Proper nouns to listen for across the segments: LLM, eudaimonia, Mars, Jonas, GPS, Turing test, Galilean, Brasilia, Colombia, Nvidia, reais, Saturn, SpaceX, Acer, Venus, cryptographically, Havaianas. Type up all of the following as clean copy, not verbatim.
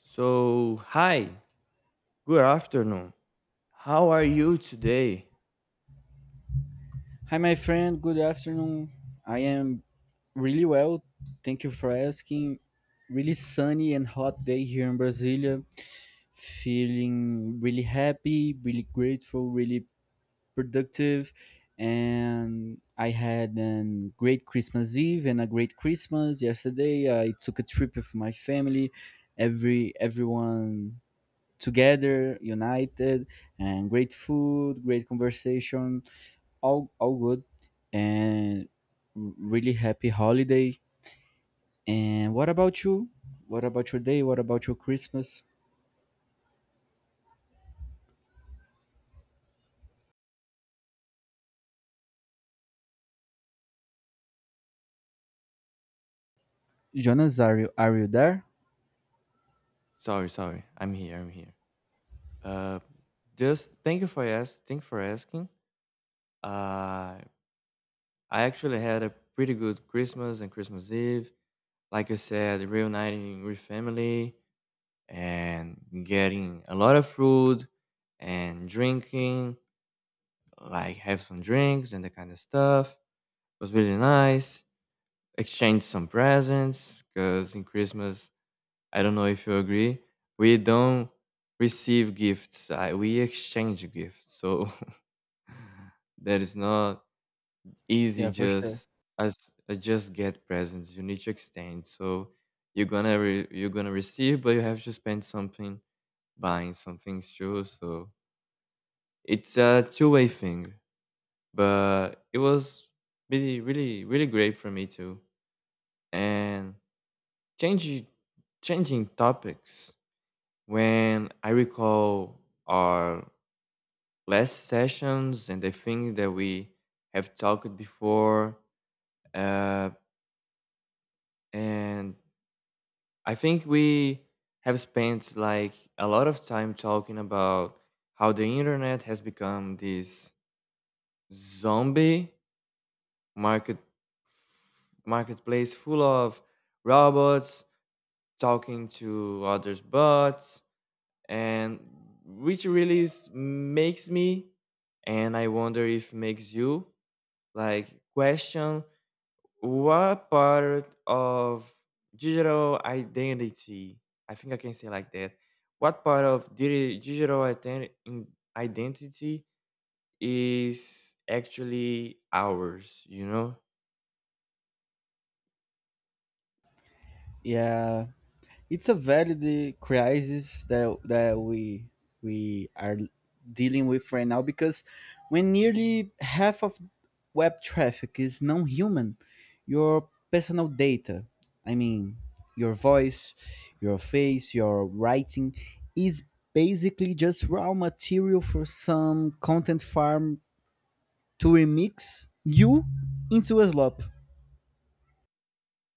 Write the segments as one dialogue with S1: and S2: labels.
S1: So, hi, good afternoon. How are you today?
S2: Hi, my friend. Good afternoon. I am really well. Thank you for asking. Really sunny and hot day here in Brasilia. Feeling really happy, really grateful, really productive. And I had a great Christmas Eve and a great Christmas yesterday. I took a trip with my family. Everyone together, united, and great food, great conversation, all good, and really happy holiday. And what about you? What about your day? What about your Christmas? Jonas, are you there?
S1: Sorry, sorry, I'm here, I'm here. Uh, just thank you for asking. Thank you for asking. Uh, I actually had a pretty good Christmas and Christmas Eve. Like I said, reuniting with family and getting a lot of food and drinking, like have some drinks and that kind of stuff. It was really nice. Exchanged some presents because in Christmas I don't know if you agree. We don't receive gifts. We exchange gifts. So that is not easy
S2: Yeah, for sure.
S1: just as just get presents. You need to exchange. So you're gonna receive, but you have to spend something buying something too. So it's a two-way thing. But it was really really really great for me too. And changing changing topics. When I recall our last sessions and the things that we have talked before, uh, and I think we have spent like a lot of time talking about how the internet has become this zombie market marketplace full of robots talking to others bots, and which really makes me, and I wonder if makes you like question what part of digital identity, I think I can say like that, what part of identity is actually ours.
S2: Yeah, it's a valid crisis that that we are dealing with right now because when nearly half of web traffic is non-human, your personal data, I mean, your voice, your face, your writing is basically just raw material for some content farm to remix you into a slop.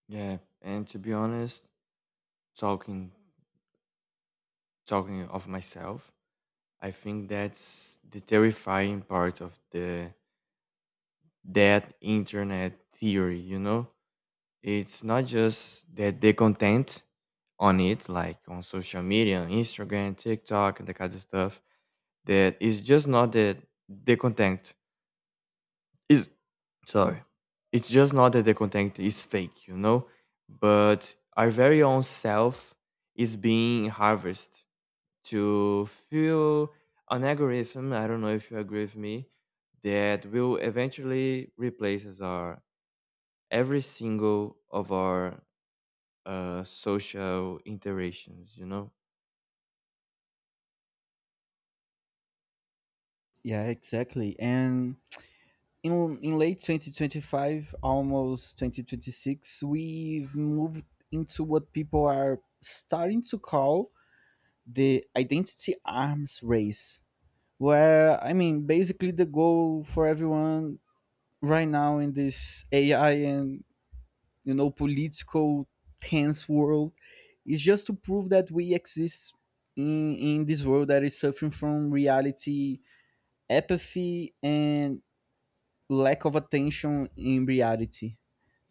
S1: Yeah, and to be honest, talking talking of myself, I think that's the terrifying part of the that internet theory. It's not just that the content on it, like on social media, on Instagram, TikTok, and the kind of stuff, that the content is sorry it's just not that the content is fake, you know, but our very own self is being harvested to feel an algorithm, I don't know if you agree with me, that will eventually replaces our every single of our social interactions, you know?
S2: Yeah, exactly. And in late 2025, almost 2026, we've moved into what people are starting to call the identity arms race, where I mean, basically, the goal for everyone right now in this AI and you know political tense world is just to prove that we exist in this world that is suffering from reality apathy and lack of attention in reality.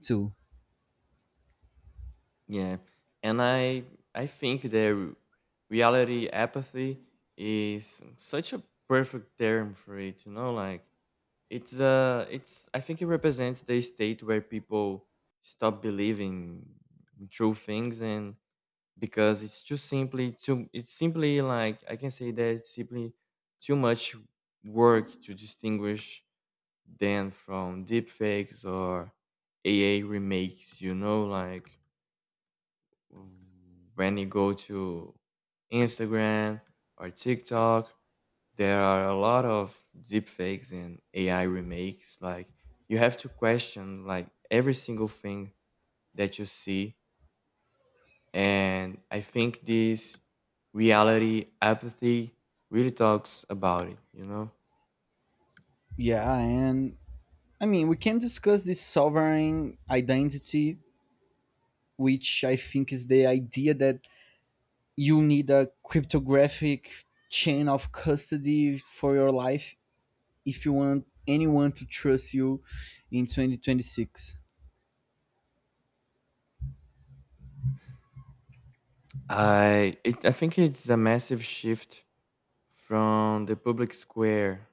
S2: too.
S1: Yeah, and I think that reality apathy is such a perfect term for it. Like, it's I think it represents the state where people stop believing in true things, and because it's simply, like I can say that it's simply too much work to distinguish than from deepfakes or AI remakes. You know, like when you go to Instagram or TikTok, there are a lot of deepfakes and AI remakes. Like you have to question like every single thing that you see, and I think this reality apathy really talks about it. You know,
S2: Yeah, and I mean, we can discuss this sovereign identity, which I think is the idea that you need a cryptographic chain of custody for your life if you want anyone to trust you in 2026.
S1: I think it's a massive shift from the public square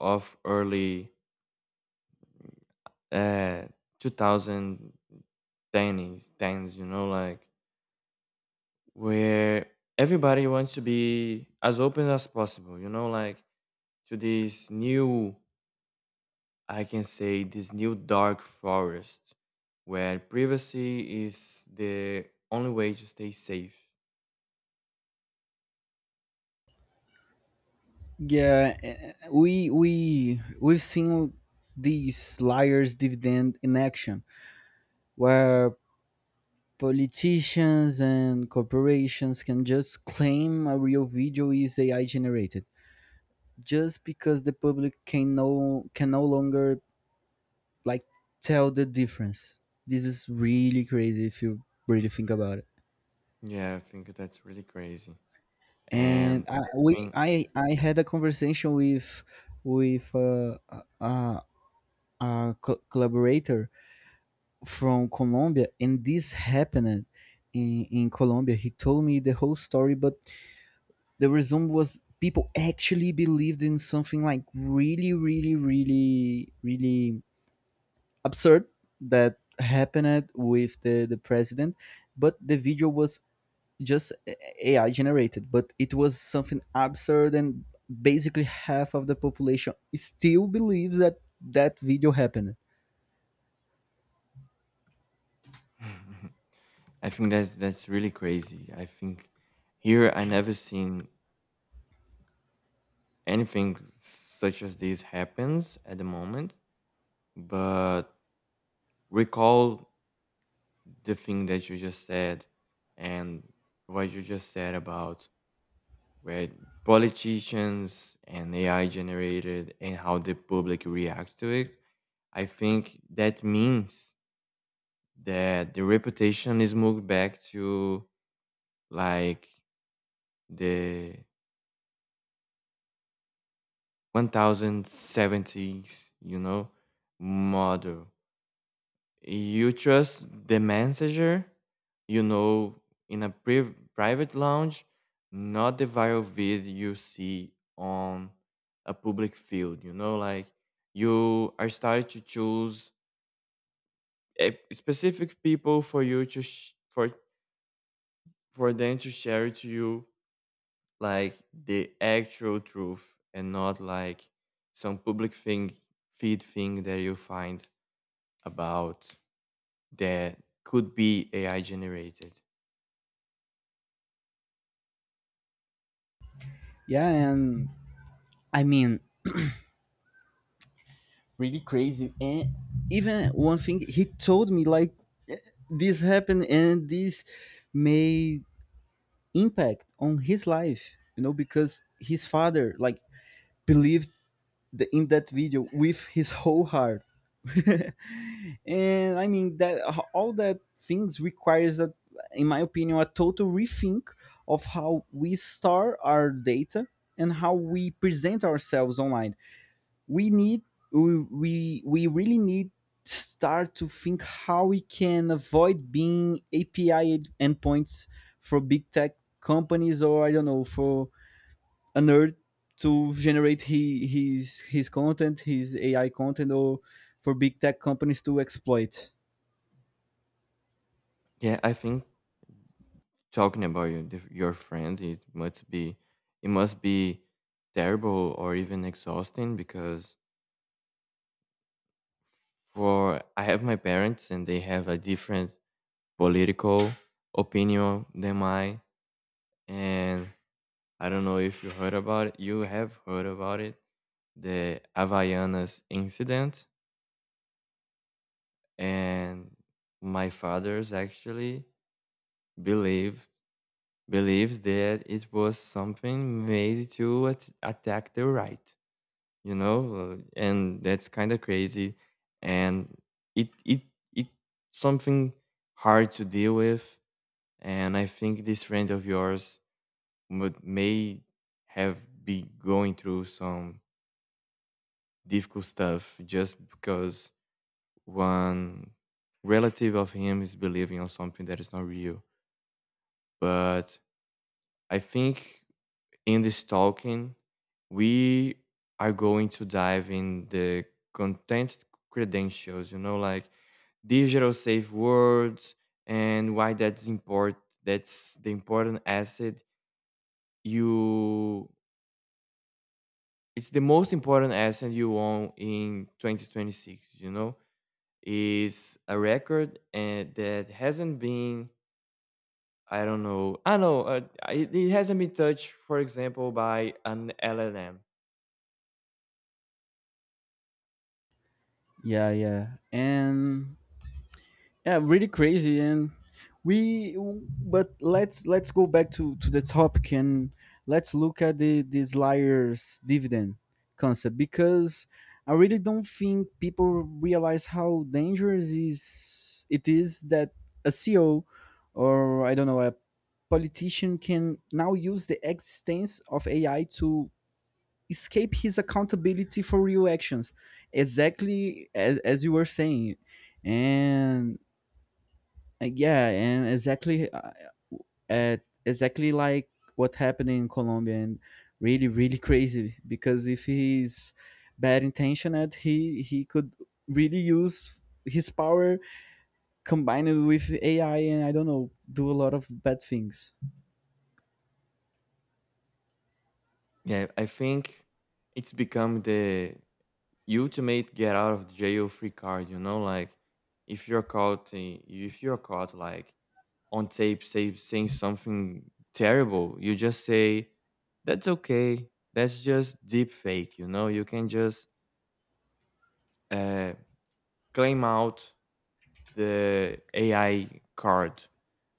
S1: of early uh, 2010s, 10s, you know, like where everybody wants to be as open as possible, you know, like to this new, I can say, this new dark forest where privacy is the only way to stay safe.
S2: Yeah, we we've seen these liars dividend in action where politicians and corporations can just claim a real video is AI generated just because the public can can no longer like tell the difference. This is really crazy if you really think about it.
S1: Yeah, I think that's really crazy.
S2: And
S1: And
S2: I,
S1: I
S2: we
S1: think.
S2: I had a conversation with with a, a collaborator from Colombia, and this happened in Colombia. He told me the whole story, but the resume was people actually believed in something like really, really, really, really absurd that happened with the president, but the video was just AI generated, but it was something absurd, and basically half of the population still believes that that video happened.
S1: I think that's really crazy. I think here I never seen anything such as this happens at the moment. But recall the thing that you just said and what you just said about where politicians and AI generated and how the public reacts to it. I think that means that the reputation is moved back to like the 1070s, you know, model. You trust the messenger, you know, in a private lounge, not the viral vid you see on a public field, you know, like you are starting to choose a specific people for you to for them to share it to you like the actual truth and not like some public thing feed thing that you find about that could be AI generated.
S2: Yeah, and I mean, really crazy. And even one thing he told me, like eh, this happened and this made impact on his life, you know, because his father like believed in that video with his whole heart. And I mean that all that things requires that, in my opinion, a total rethink of how we store our data and how we present ourselves online. We need we really need start to think how we can avoid being API endpoints for big tech companies or I don't know for a nerd to generate his content, his AI content, or for big tech companies to exploit.
S1: Yeah, I think talking about your friend, it must be terrible or even exhausting, because for I have my parents and they have a different political opinion than mine, and I don't know if you heard about it. You have heard about it, the Havaianas incident, and my father's actually believed believes that it was something made to attack the right, you know, and that's kind of crazy, and it it it something hard to deal with, and I think this friend of yours would may have be going through some difficult stuff just because one relative of him is believing on something that is not real. But I think in this talking, we are going to dive in the content credentials, you know, like digital safe words and why that's import. That's the important asset you. It's the most important asset you own in 2026. You know, is a record and that hasn't been I don't know. I know. It hasn't been touched, for example, by an LLM.
S2: Yeah yeah and Yeah, really crazy. And we, but let's go back to the topic and let's look at the this liar's dividend concept because I really don't think people realize how dangerous is it is that a CEO or I don't know a politician can now use the existence of AI to escape his accountability for real actions, exactly as you were saying. And Yeah, and exactly at exactly like what happened in Colombia, and really really crazy because if he's bad intentioned he could really use his power combined with AI and I don't know do a lot of bad things.
S1: Yeah, I think it's become the ultimate get out of jail free card. You know, like if you're caught, if you're caught like on tape, saying something terrible, you just say that's okay. That's just deep fake. You know, you can just uh, claim out the AI card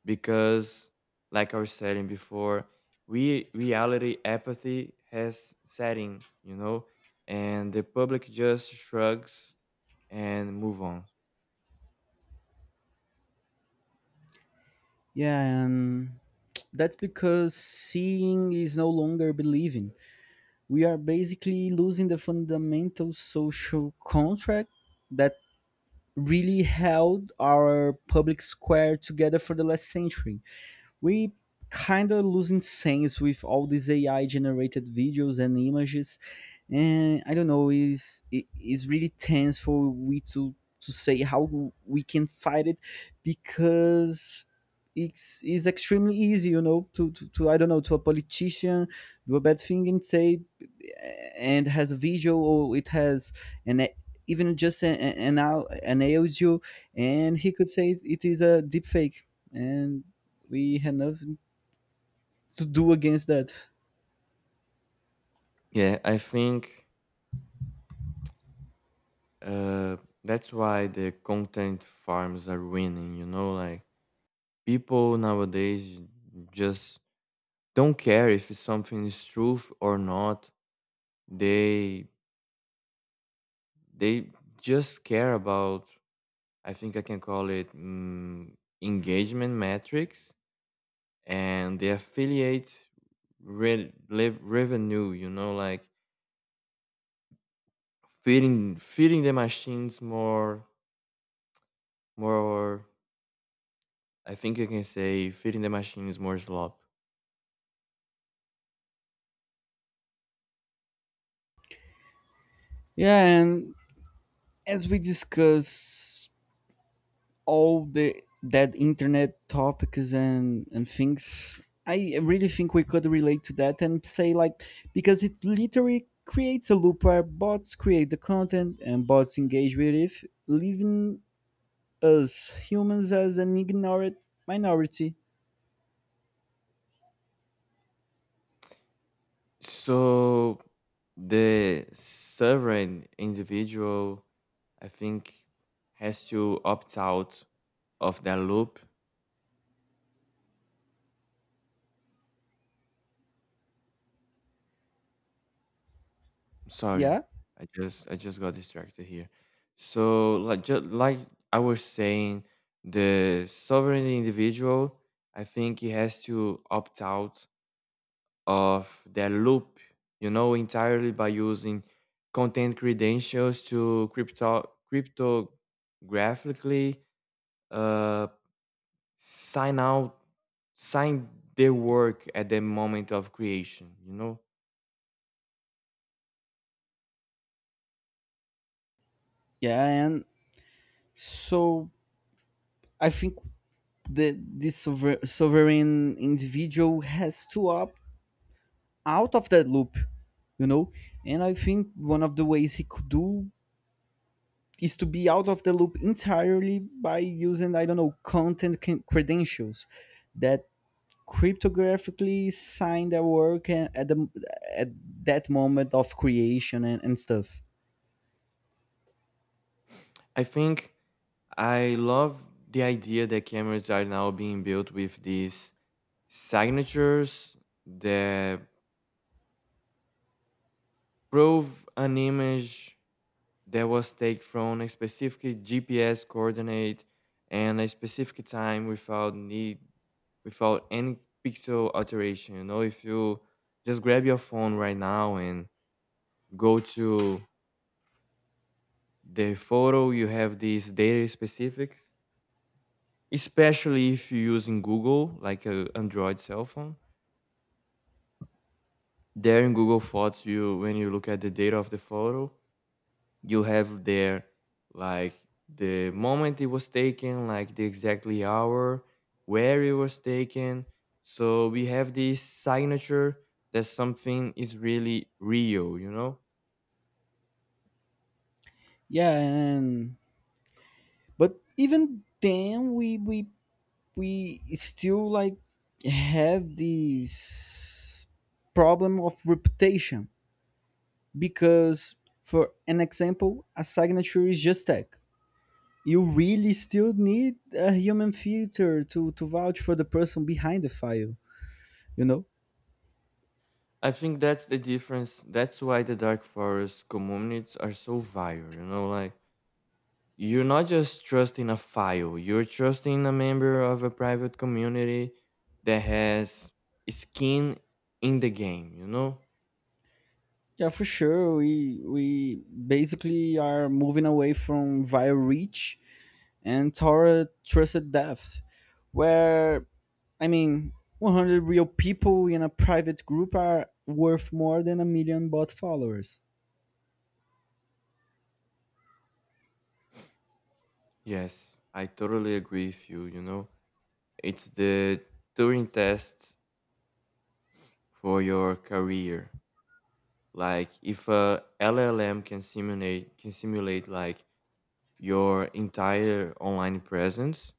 S1: because, like I was saying before, we reality apathy has setting, you know, and the public just shrugs and move on
S2: Yeah, and that's because seeing is no longer believing. We are basically losing the fundamental social contract that really held our public square together for the last century. We kind of losing sense with all these AI generated videos and images, and I don't know. Is it is really tense for we to say how we can fight it because it's extremely easy, you know, to, I don't know, to a politician do a bad thing and say, and has a video or it has an even just an audio, and he could say it is a deep fake, and we have nothing to do against that.
S1: yeah I think uh, that's why the content farms are winning, you know, like people nowadays just don't care if something is truth or not. They they just care about, I think I can call it, engagement metrics and the affiliate revenue. You know, like feeding the machines more. I think you can say feeding the machines more slop.
S2: Yeah, and as we discuss all the that internet topics and things, I really think we could relate to that and say like because it literally creates a loop where bots create the content and bots engage with it, leaving us humans as an ignorant minority.
S1: So the sovereign individual, I think, has to opt out of that loop. Sorry,
S2: yeah
S1: I just got distracted here. So like, just like I was saying, the sovereign individual, I think he has to opt out of that loop, you know, entirely by using content credentials to cryptographically uh sign out sign their work at the moment of creation, you know?
S2: yeah and So I think the this sovereign individual has to opt out of that loop, you know, and I think one of the ways he could do is to be out of the loop entirely by using I don't know content credentials that cryptographically sign their work and at the at that moment of creation and stuff.
S1: I think I love the idea that cameras are now being built with these signatures that prove an image that was taken from a specific GPS coordinate and a specific time without any pixel alteration. You know, if you just grab your phone right now and go to the photo, you have these data specifics, especially if you're using Google, like a Android cell phone, there in Google Photos, you when you look at the data of the photo, you have there like the moment it was taken, like the exactly hour, where it was taken. So we have this signature that something is really real, you know?
S2: Yeah, and but even then we still like have this problem of reputation because for an example a signature is just tech. You really still need a human filter to vouch for the person behind the file, you know.
S1: I think that's the difference. That's why the dark forest communities are so viral, you know, like you're not just trusting a file, you're trusting a member of a private community that has skin in the game.
S2: Yeah, for sure. We basically are moving away from via reach and toward trusted depth where I mean 100 real people in a private group are worth more than a million bot followers.
S1: Yes, I totally agree with you you know It's the Turing test for your career. Like if a LLM can simulate like your entire online presence,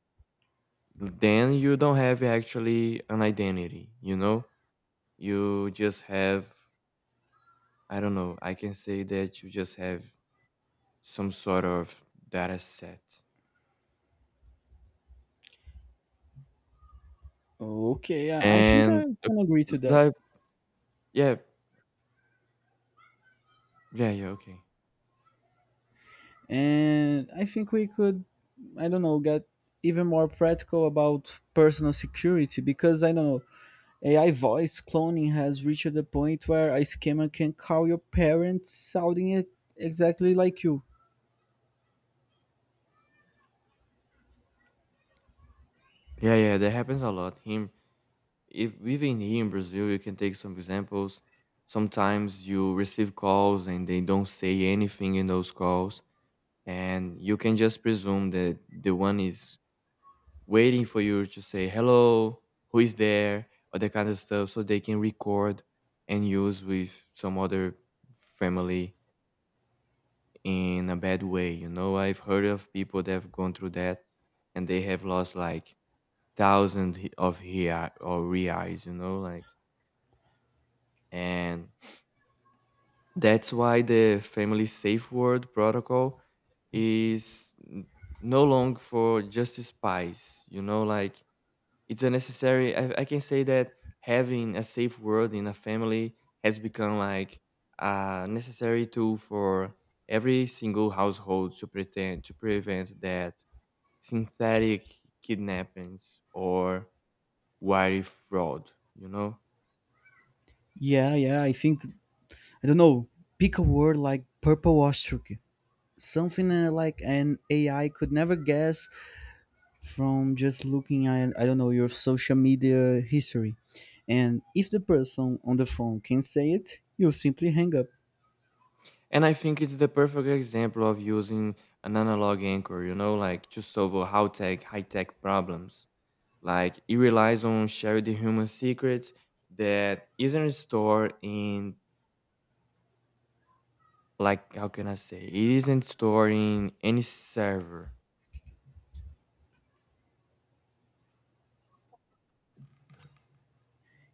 S1: then you don't have actually an identity. You just have, I don't know. I can say that you just have some sort of data set.
S2: Okay, I think I
S1: And
S2: can agree to that.
S1: like, yeah, yeah, yeah, okay.
S2: And I think we could, I don't know, get even more practical about personal security because I don't know, AI voice cloning has reached the point where a scammer can call your parents sounding it exactly like you.
S1: Yeah, yeah, that happens a lot. Him, if even here in Brazil you can take some examples. Sometimes you receive calls and they don't say anything in those calls, and you can just presume that the one is waiting for you to say hello, who is there, or that kind of stuff, so they can record and use with some other family in a bad way. You know, I've heard of people that have gone through that and they have lost like thousands of real or reais, you know, like, and that's why the family safe word protocol is no long for just spies, you know, like it's a necessary, I can say that having a safe word in a family has become like a necessary tool for every single household to pretend to prevent that synthetic kidnappings or wire fraud, you know?
S2: Yeah, yeah, I think, I don't know, pick a word like purple ostrich, something like an AI could never guess from just looking at I don't know your social media history. And if the person on the phone can say it, you simply hang up.
S1: And I think it's the perfect example of using an analog anchor, you know, like to solve a high tech problems. Like it relies on shared human secrets that isn't stored in, like, how can I say, it isn't stored in any server.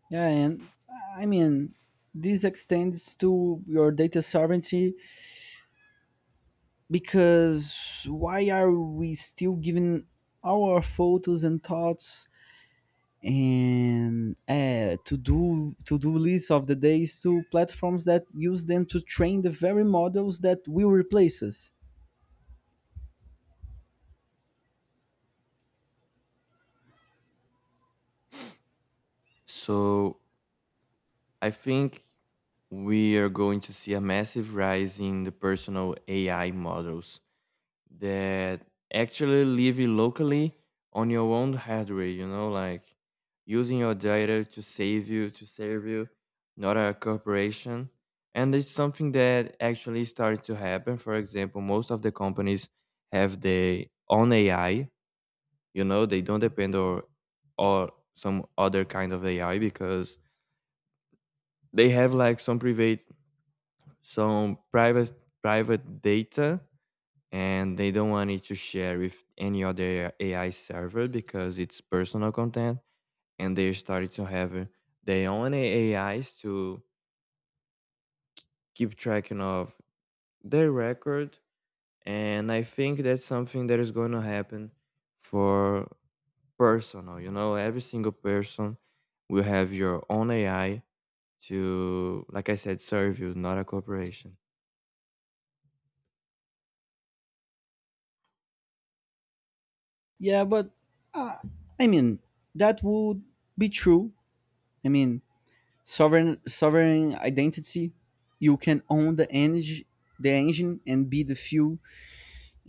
S2: Yeah, and I mean this extends to your data sovereignty because why are we still giving our photos and thoughts and to do lists of the days to platforms that use them to train the very models that will replace us?
S1: So I think we are going to see a massive rise in the personal AI models that actually live it locally on your own hardware, you know, like using your data to save you to serve you, not a corporation. And it's something that actually started to happen. For example, most of the companies have their own AI, you know, they don't depend or some other kind of AI, because they have like some private private data, and they don't want it to share with any other AI server because it's personal content. And they started to have their own AIs to keep tracking of their record. And I think that's something that is going to happen for personal. You know, every single person will have your own AI to, like I said, serve you, not a corporation.
S2: Yeah, but uh, I mean that would be true. I mean sovereign identity. You can own the engine, and be the fuel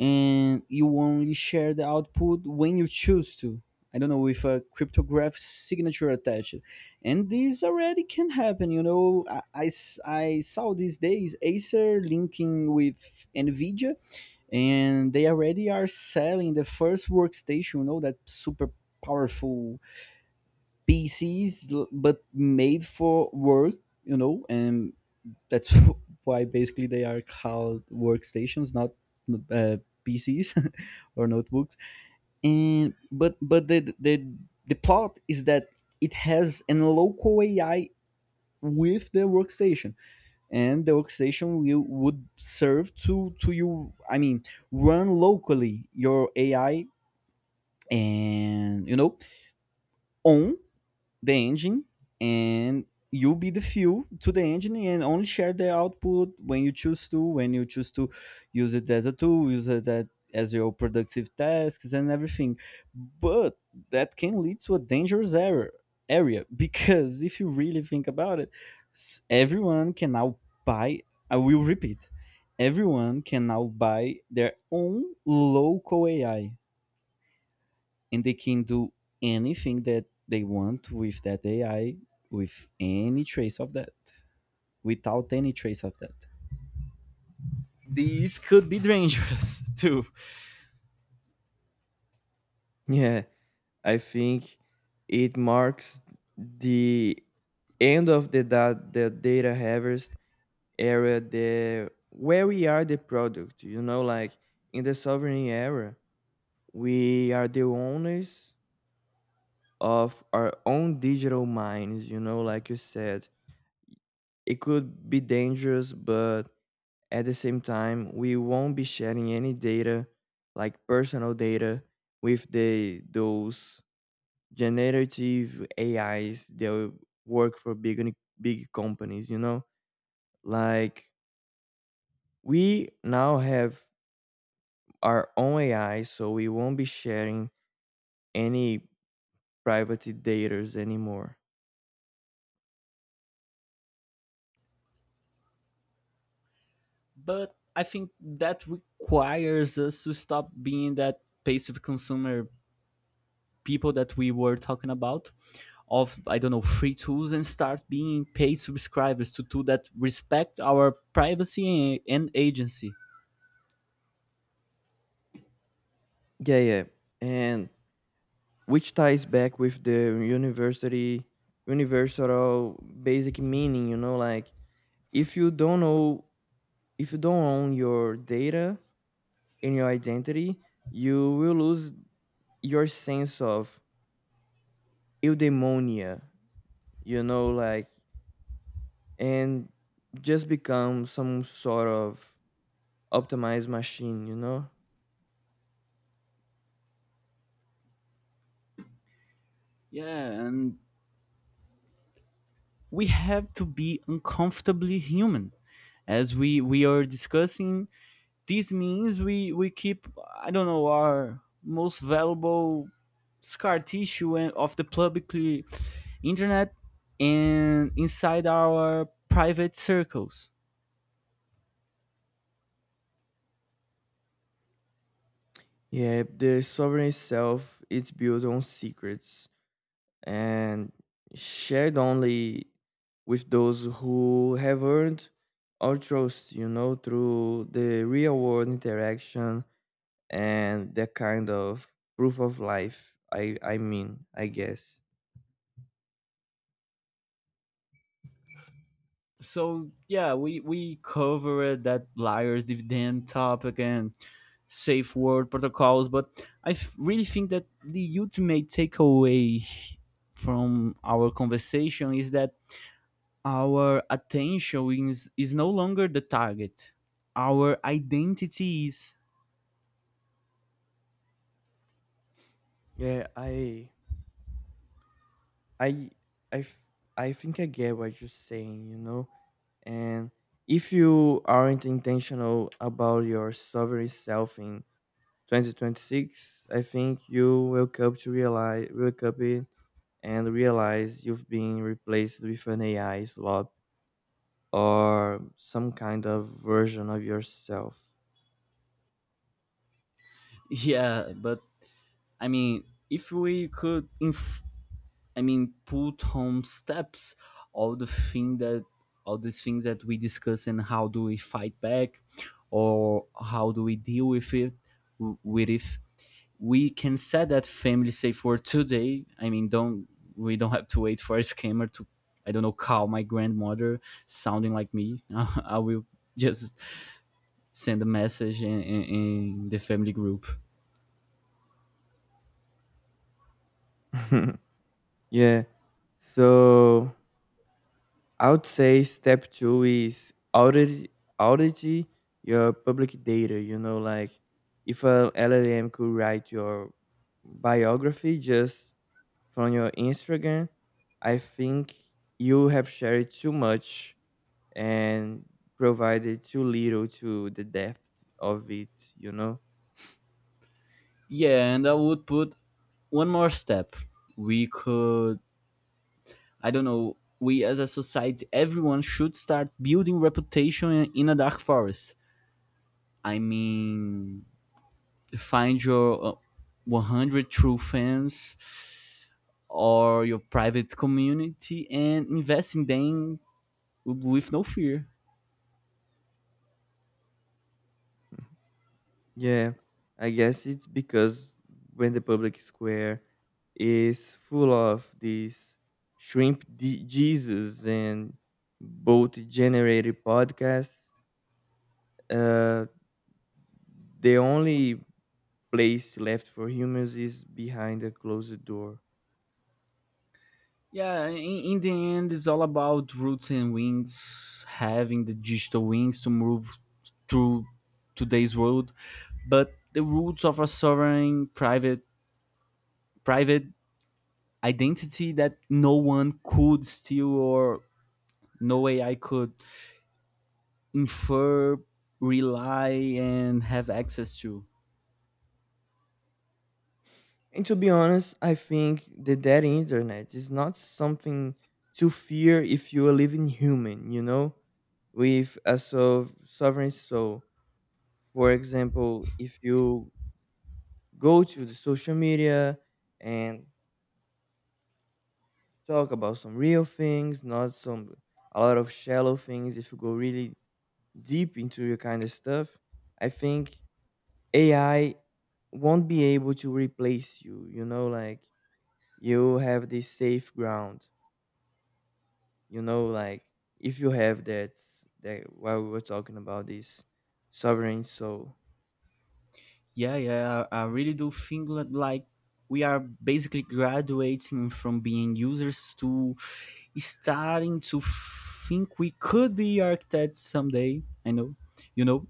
S2: and you only share the output when you choose to. I don't know with a cryptographic signature attached, and this already can happen. You know, I saw these days Acer linking with Nvidia, and they already are selling the first workstation. You know that super powerful PCs, but made for work. You know, and that's why basically they are called workstations not uh, PCs or notebooks. And But the plot is that it has an local AI with the workstation and the workstation will would serve to you. I mean run locally your AI, and you know on the engine, and you be the fuel to the engine and only share the output when you choose to, when you choose to use it as a tool, use it as your productive tasks and everything. But that can lead to a dangerous error area because if you really think about it, everyone can now buy, I will repeat, everyone can now buy their own local AI and they can do anything that they want with that AI with any trace of that, without any trace of that. These could be dangerous too,
S1: Yeah. I think it marks the end of the data harvest era, the where we are the product. You know, like in the sovereign era, we are the owners of our own digital minds. You know, like you said, it could be dangerous, but at the same time, we won't be sharing any data, like personal data, with the those generative AIs that work for big companies, you know? Like we now have our own AI, so we won't be sharing any private data's anymore.
S2: but I think that requires us to stop being that passive consumer people that we were talking about of I don't know free tools and start being paid subscribers to tools that respect our privacy and agency.
S1: Yeah, yeah. And which ties back with the university universal basic meaning, you know, like if you don't know if you don't own your data and your identity, you will lose your sense of eudaimonia, you know, like, and just become some sort of optimized machine, you know?
S2: Yeah, and we have to be uncomfortably human. As we are discussing, this means we keep I don't know our most valuable scar tissue of the publicly internet and inside our private circles.
S1: Yeah, the sovereign itself is built on secrets and shared only with those who have earned our trust, you know, through the real world interaction and that kind of proof of life. I mean, I guess.
S2: So yeah, we covered that liars dividend topic and safe word protocols, but I really think that the ultimate takeaway from our conversation is that our attention is no longer the target. Our identity is.
S1: Yeah, I I I think I get what you're saying, you know. And if you aren't intentional about your sovereign self in 2026, I think you wake up in and realize you've been replaced with an AI slot or some kind of version of yourself.
S2: Yeah, but I mean, if we could, I mean, put on steps all the thing that all these things that we discuss and how do we fight back, or how do we deal with it, with if we can set that family safe word today. I mean, don't we don't have to wait for a scammer to, I don't know, call my grandmother sounding like me. I will just send a message in the family group.
S1: Yeah. So I would say step two is audit your public data. You know, like if a LLM could write your biography just from your Instagram, I think you have shared too much and provided too little to the depth of it. You know,
S2: Yeah, and I would put one more step. We could, I don't know, we as a society, everyone should start building reputation in a dark forest. I mean, find your 100 true fans or your private community and invest in them with no fear.
S1: yeah, I guess it's because when the public square is full of these Jesus and both generated podcasts, uh, the only place left for humans is behind a closed door.
S2: Yeah, in the end, it's all about roots and wings, having the digital wings to move through today's world, but the roots of a sovereign private identity that no one could steal or no AI could infer, rely, and have access to.
S1: And to be honest, I think that internet is not something to fear if you are living human, you know, with a sovereign soul. For example, if you go to the social media and talk about some real things, not some a lot of shallow things. If you go really deep into your kind of stuff, I think AI won't be able to replace you. You know, like you have this safe ground. You know, like if you have that while we were talking about this sovereign soul.
S2: Yeah, yeah, I really do think that like we are basically graduating from being users to starting to think we could be architects someday. I know, you know,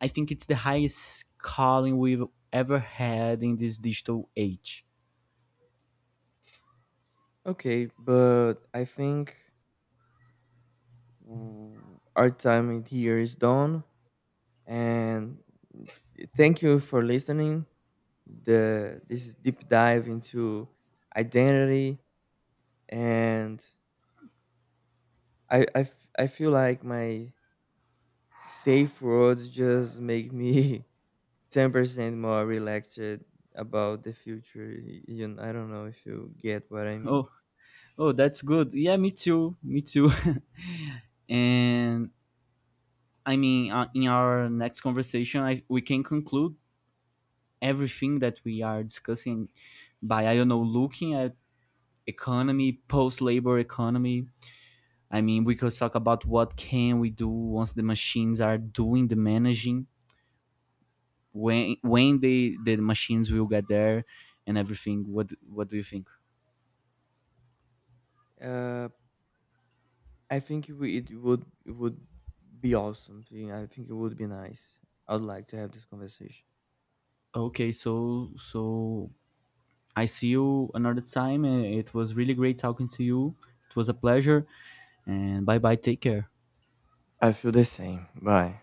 S2: I think it's the highest calling we've ever had in this digital age.
S1: Okay, but I think mm, our time in here is done, and thank you for listening. The this is deep dive into identity, and I I feel like my safe words just make me 10% more relaxed about the future. You know, I don't know if you get what I mean.
S2: Oh, oh, that's good. Yeah, me too. Me too. And I mean, in our next conversation, we can conclude everything that we are discussing by I don't know looking at economy, post-labor economy. I mean, we could talk about what can we do once the machines are doing the managing, when the machines will get there, and everything. What do you think?
S1: Uh, I think it would be awesome. I think it would be nice. I'd like to have this conversation.
S2: Okay, so so I see you another time. And It was really great talking to you. It was a pleasure, and bye bye. Take care.
S1: I feel the same. Bye.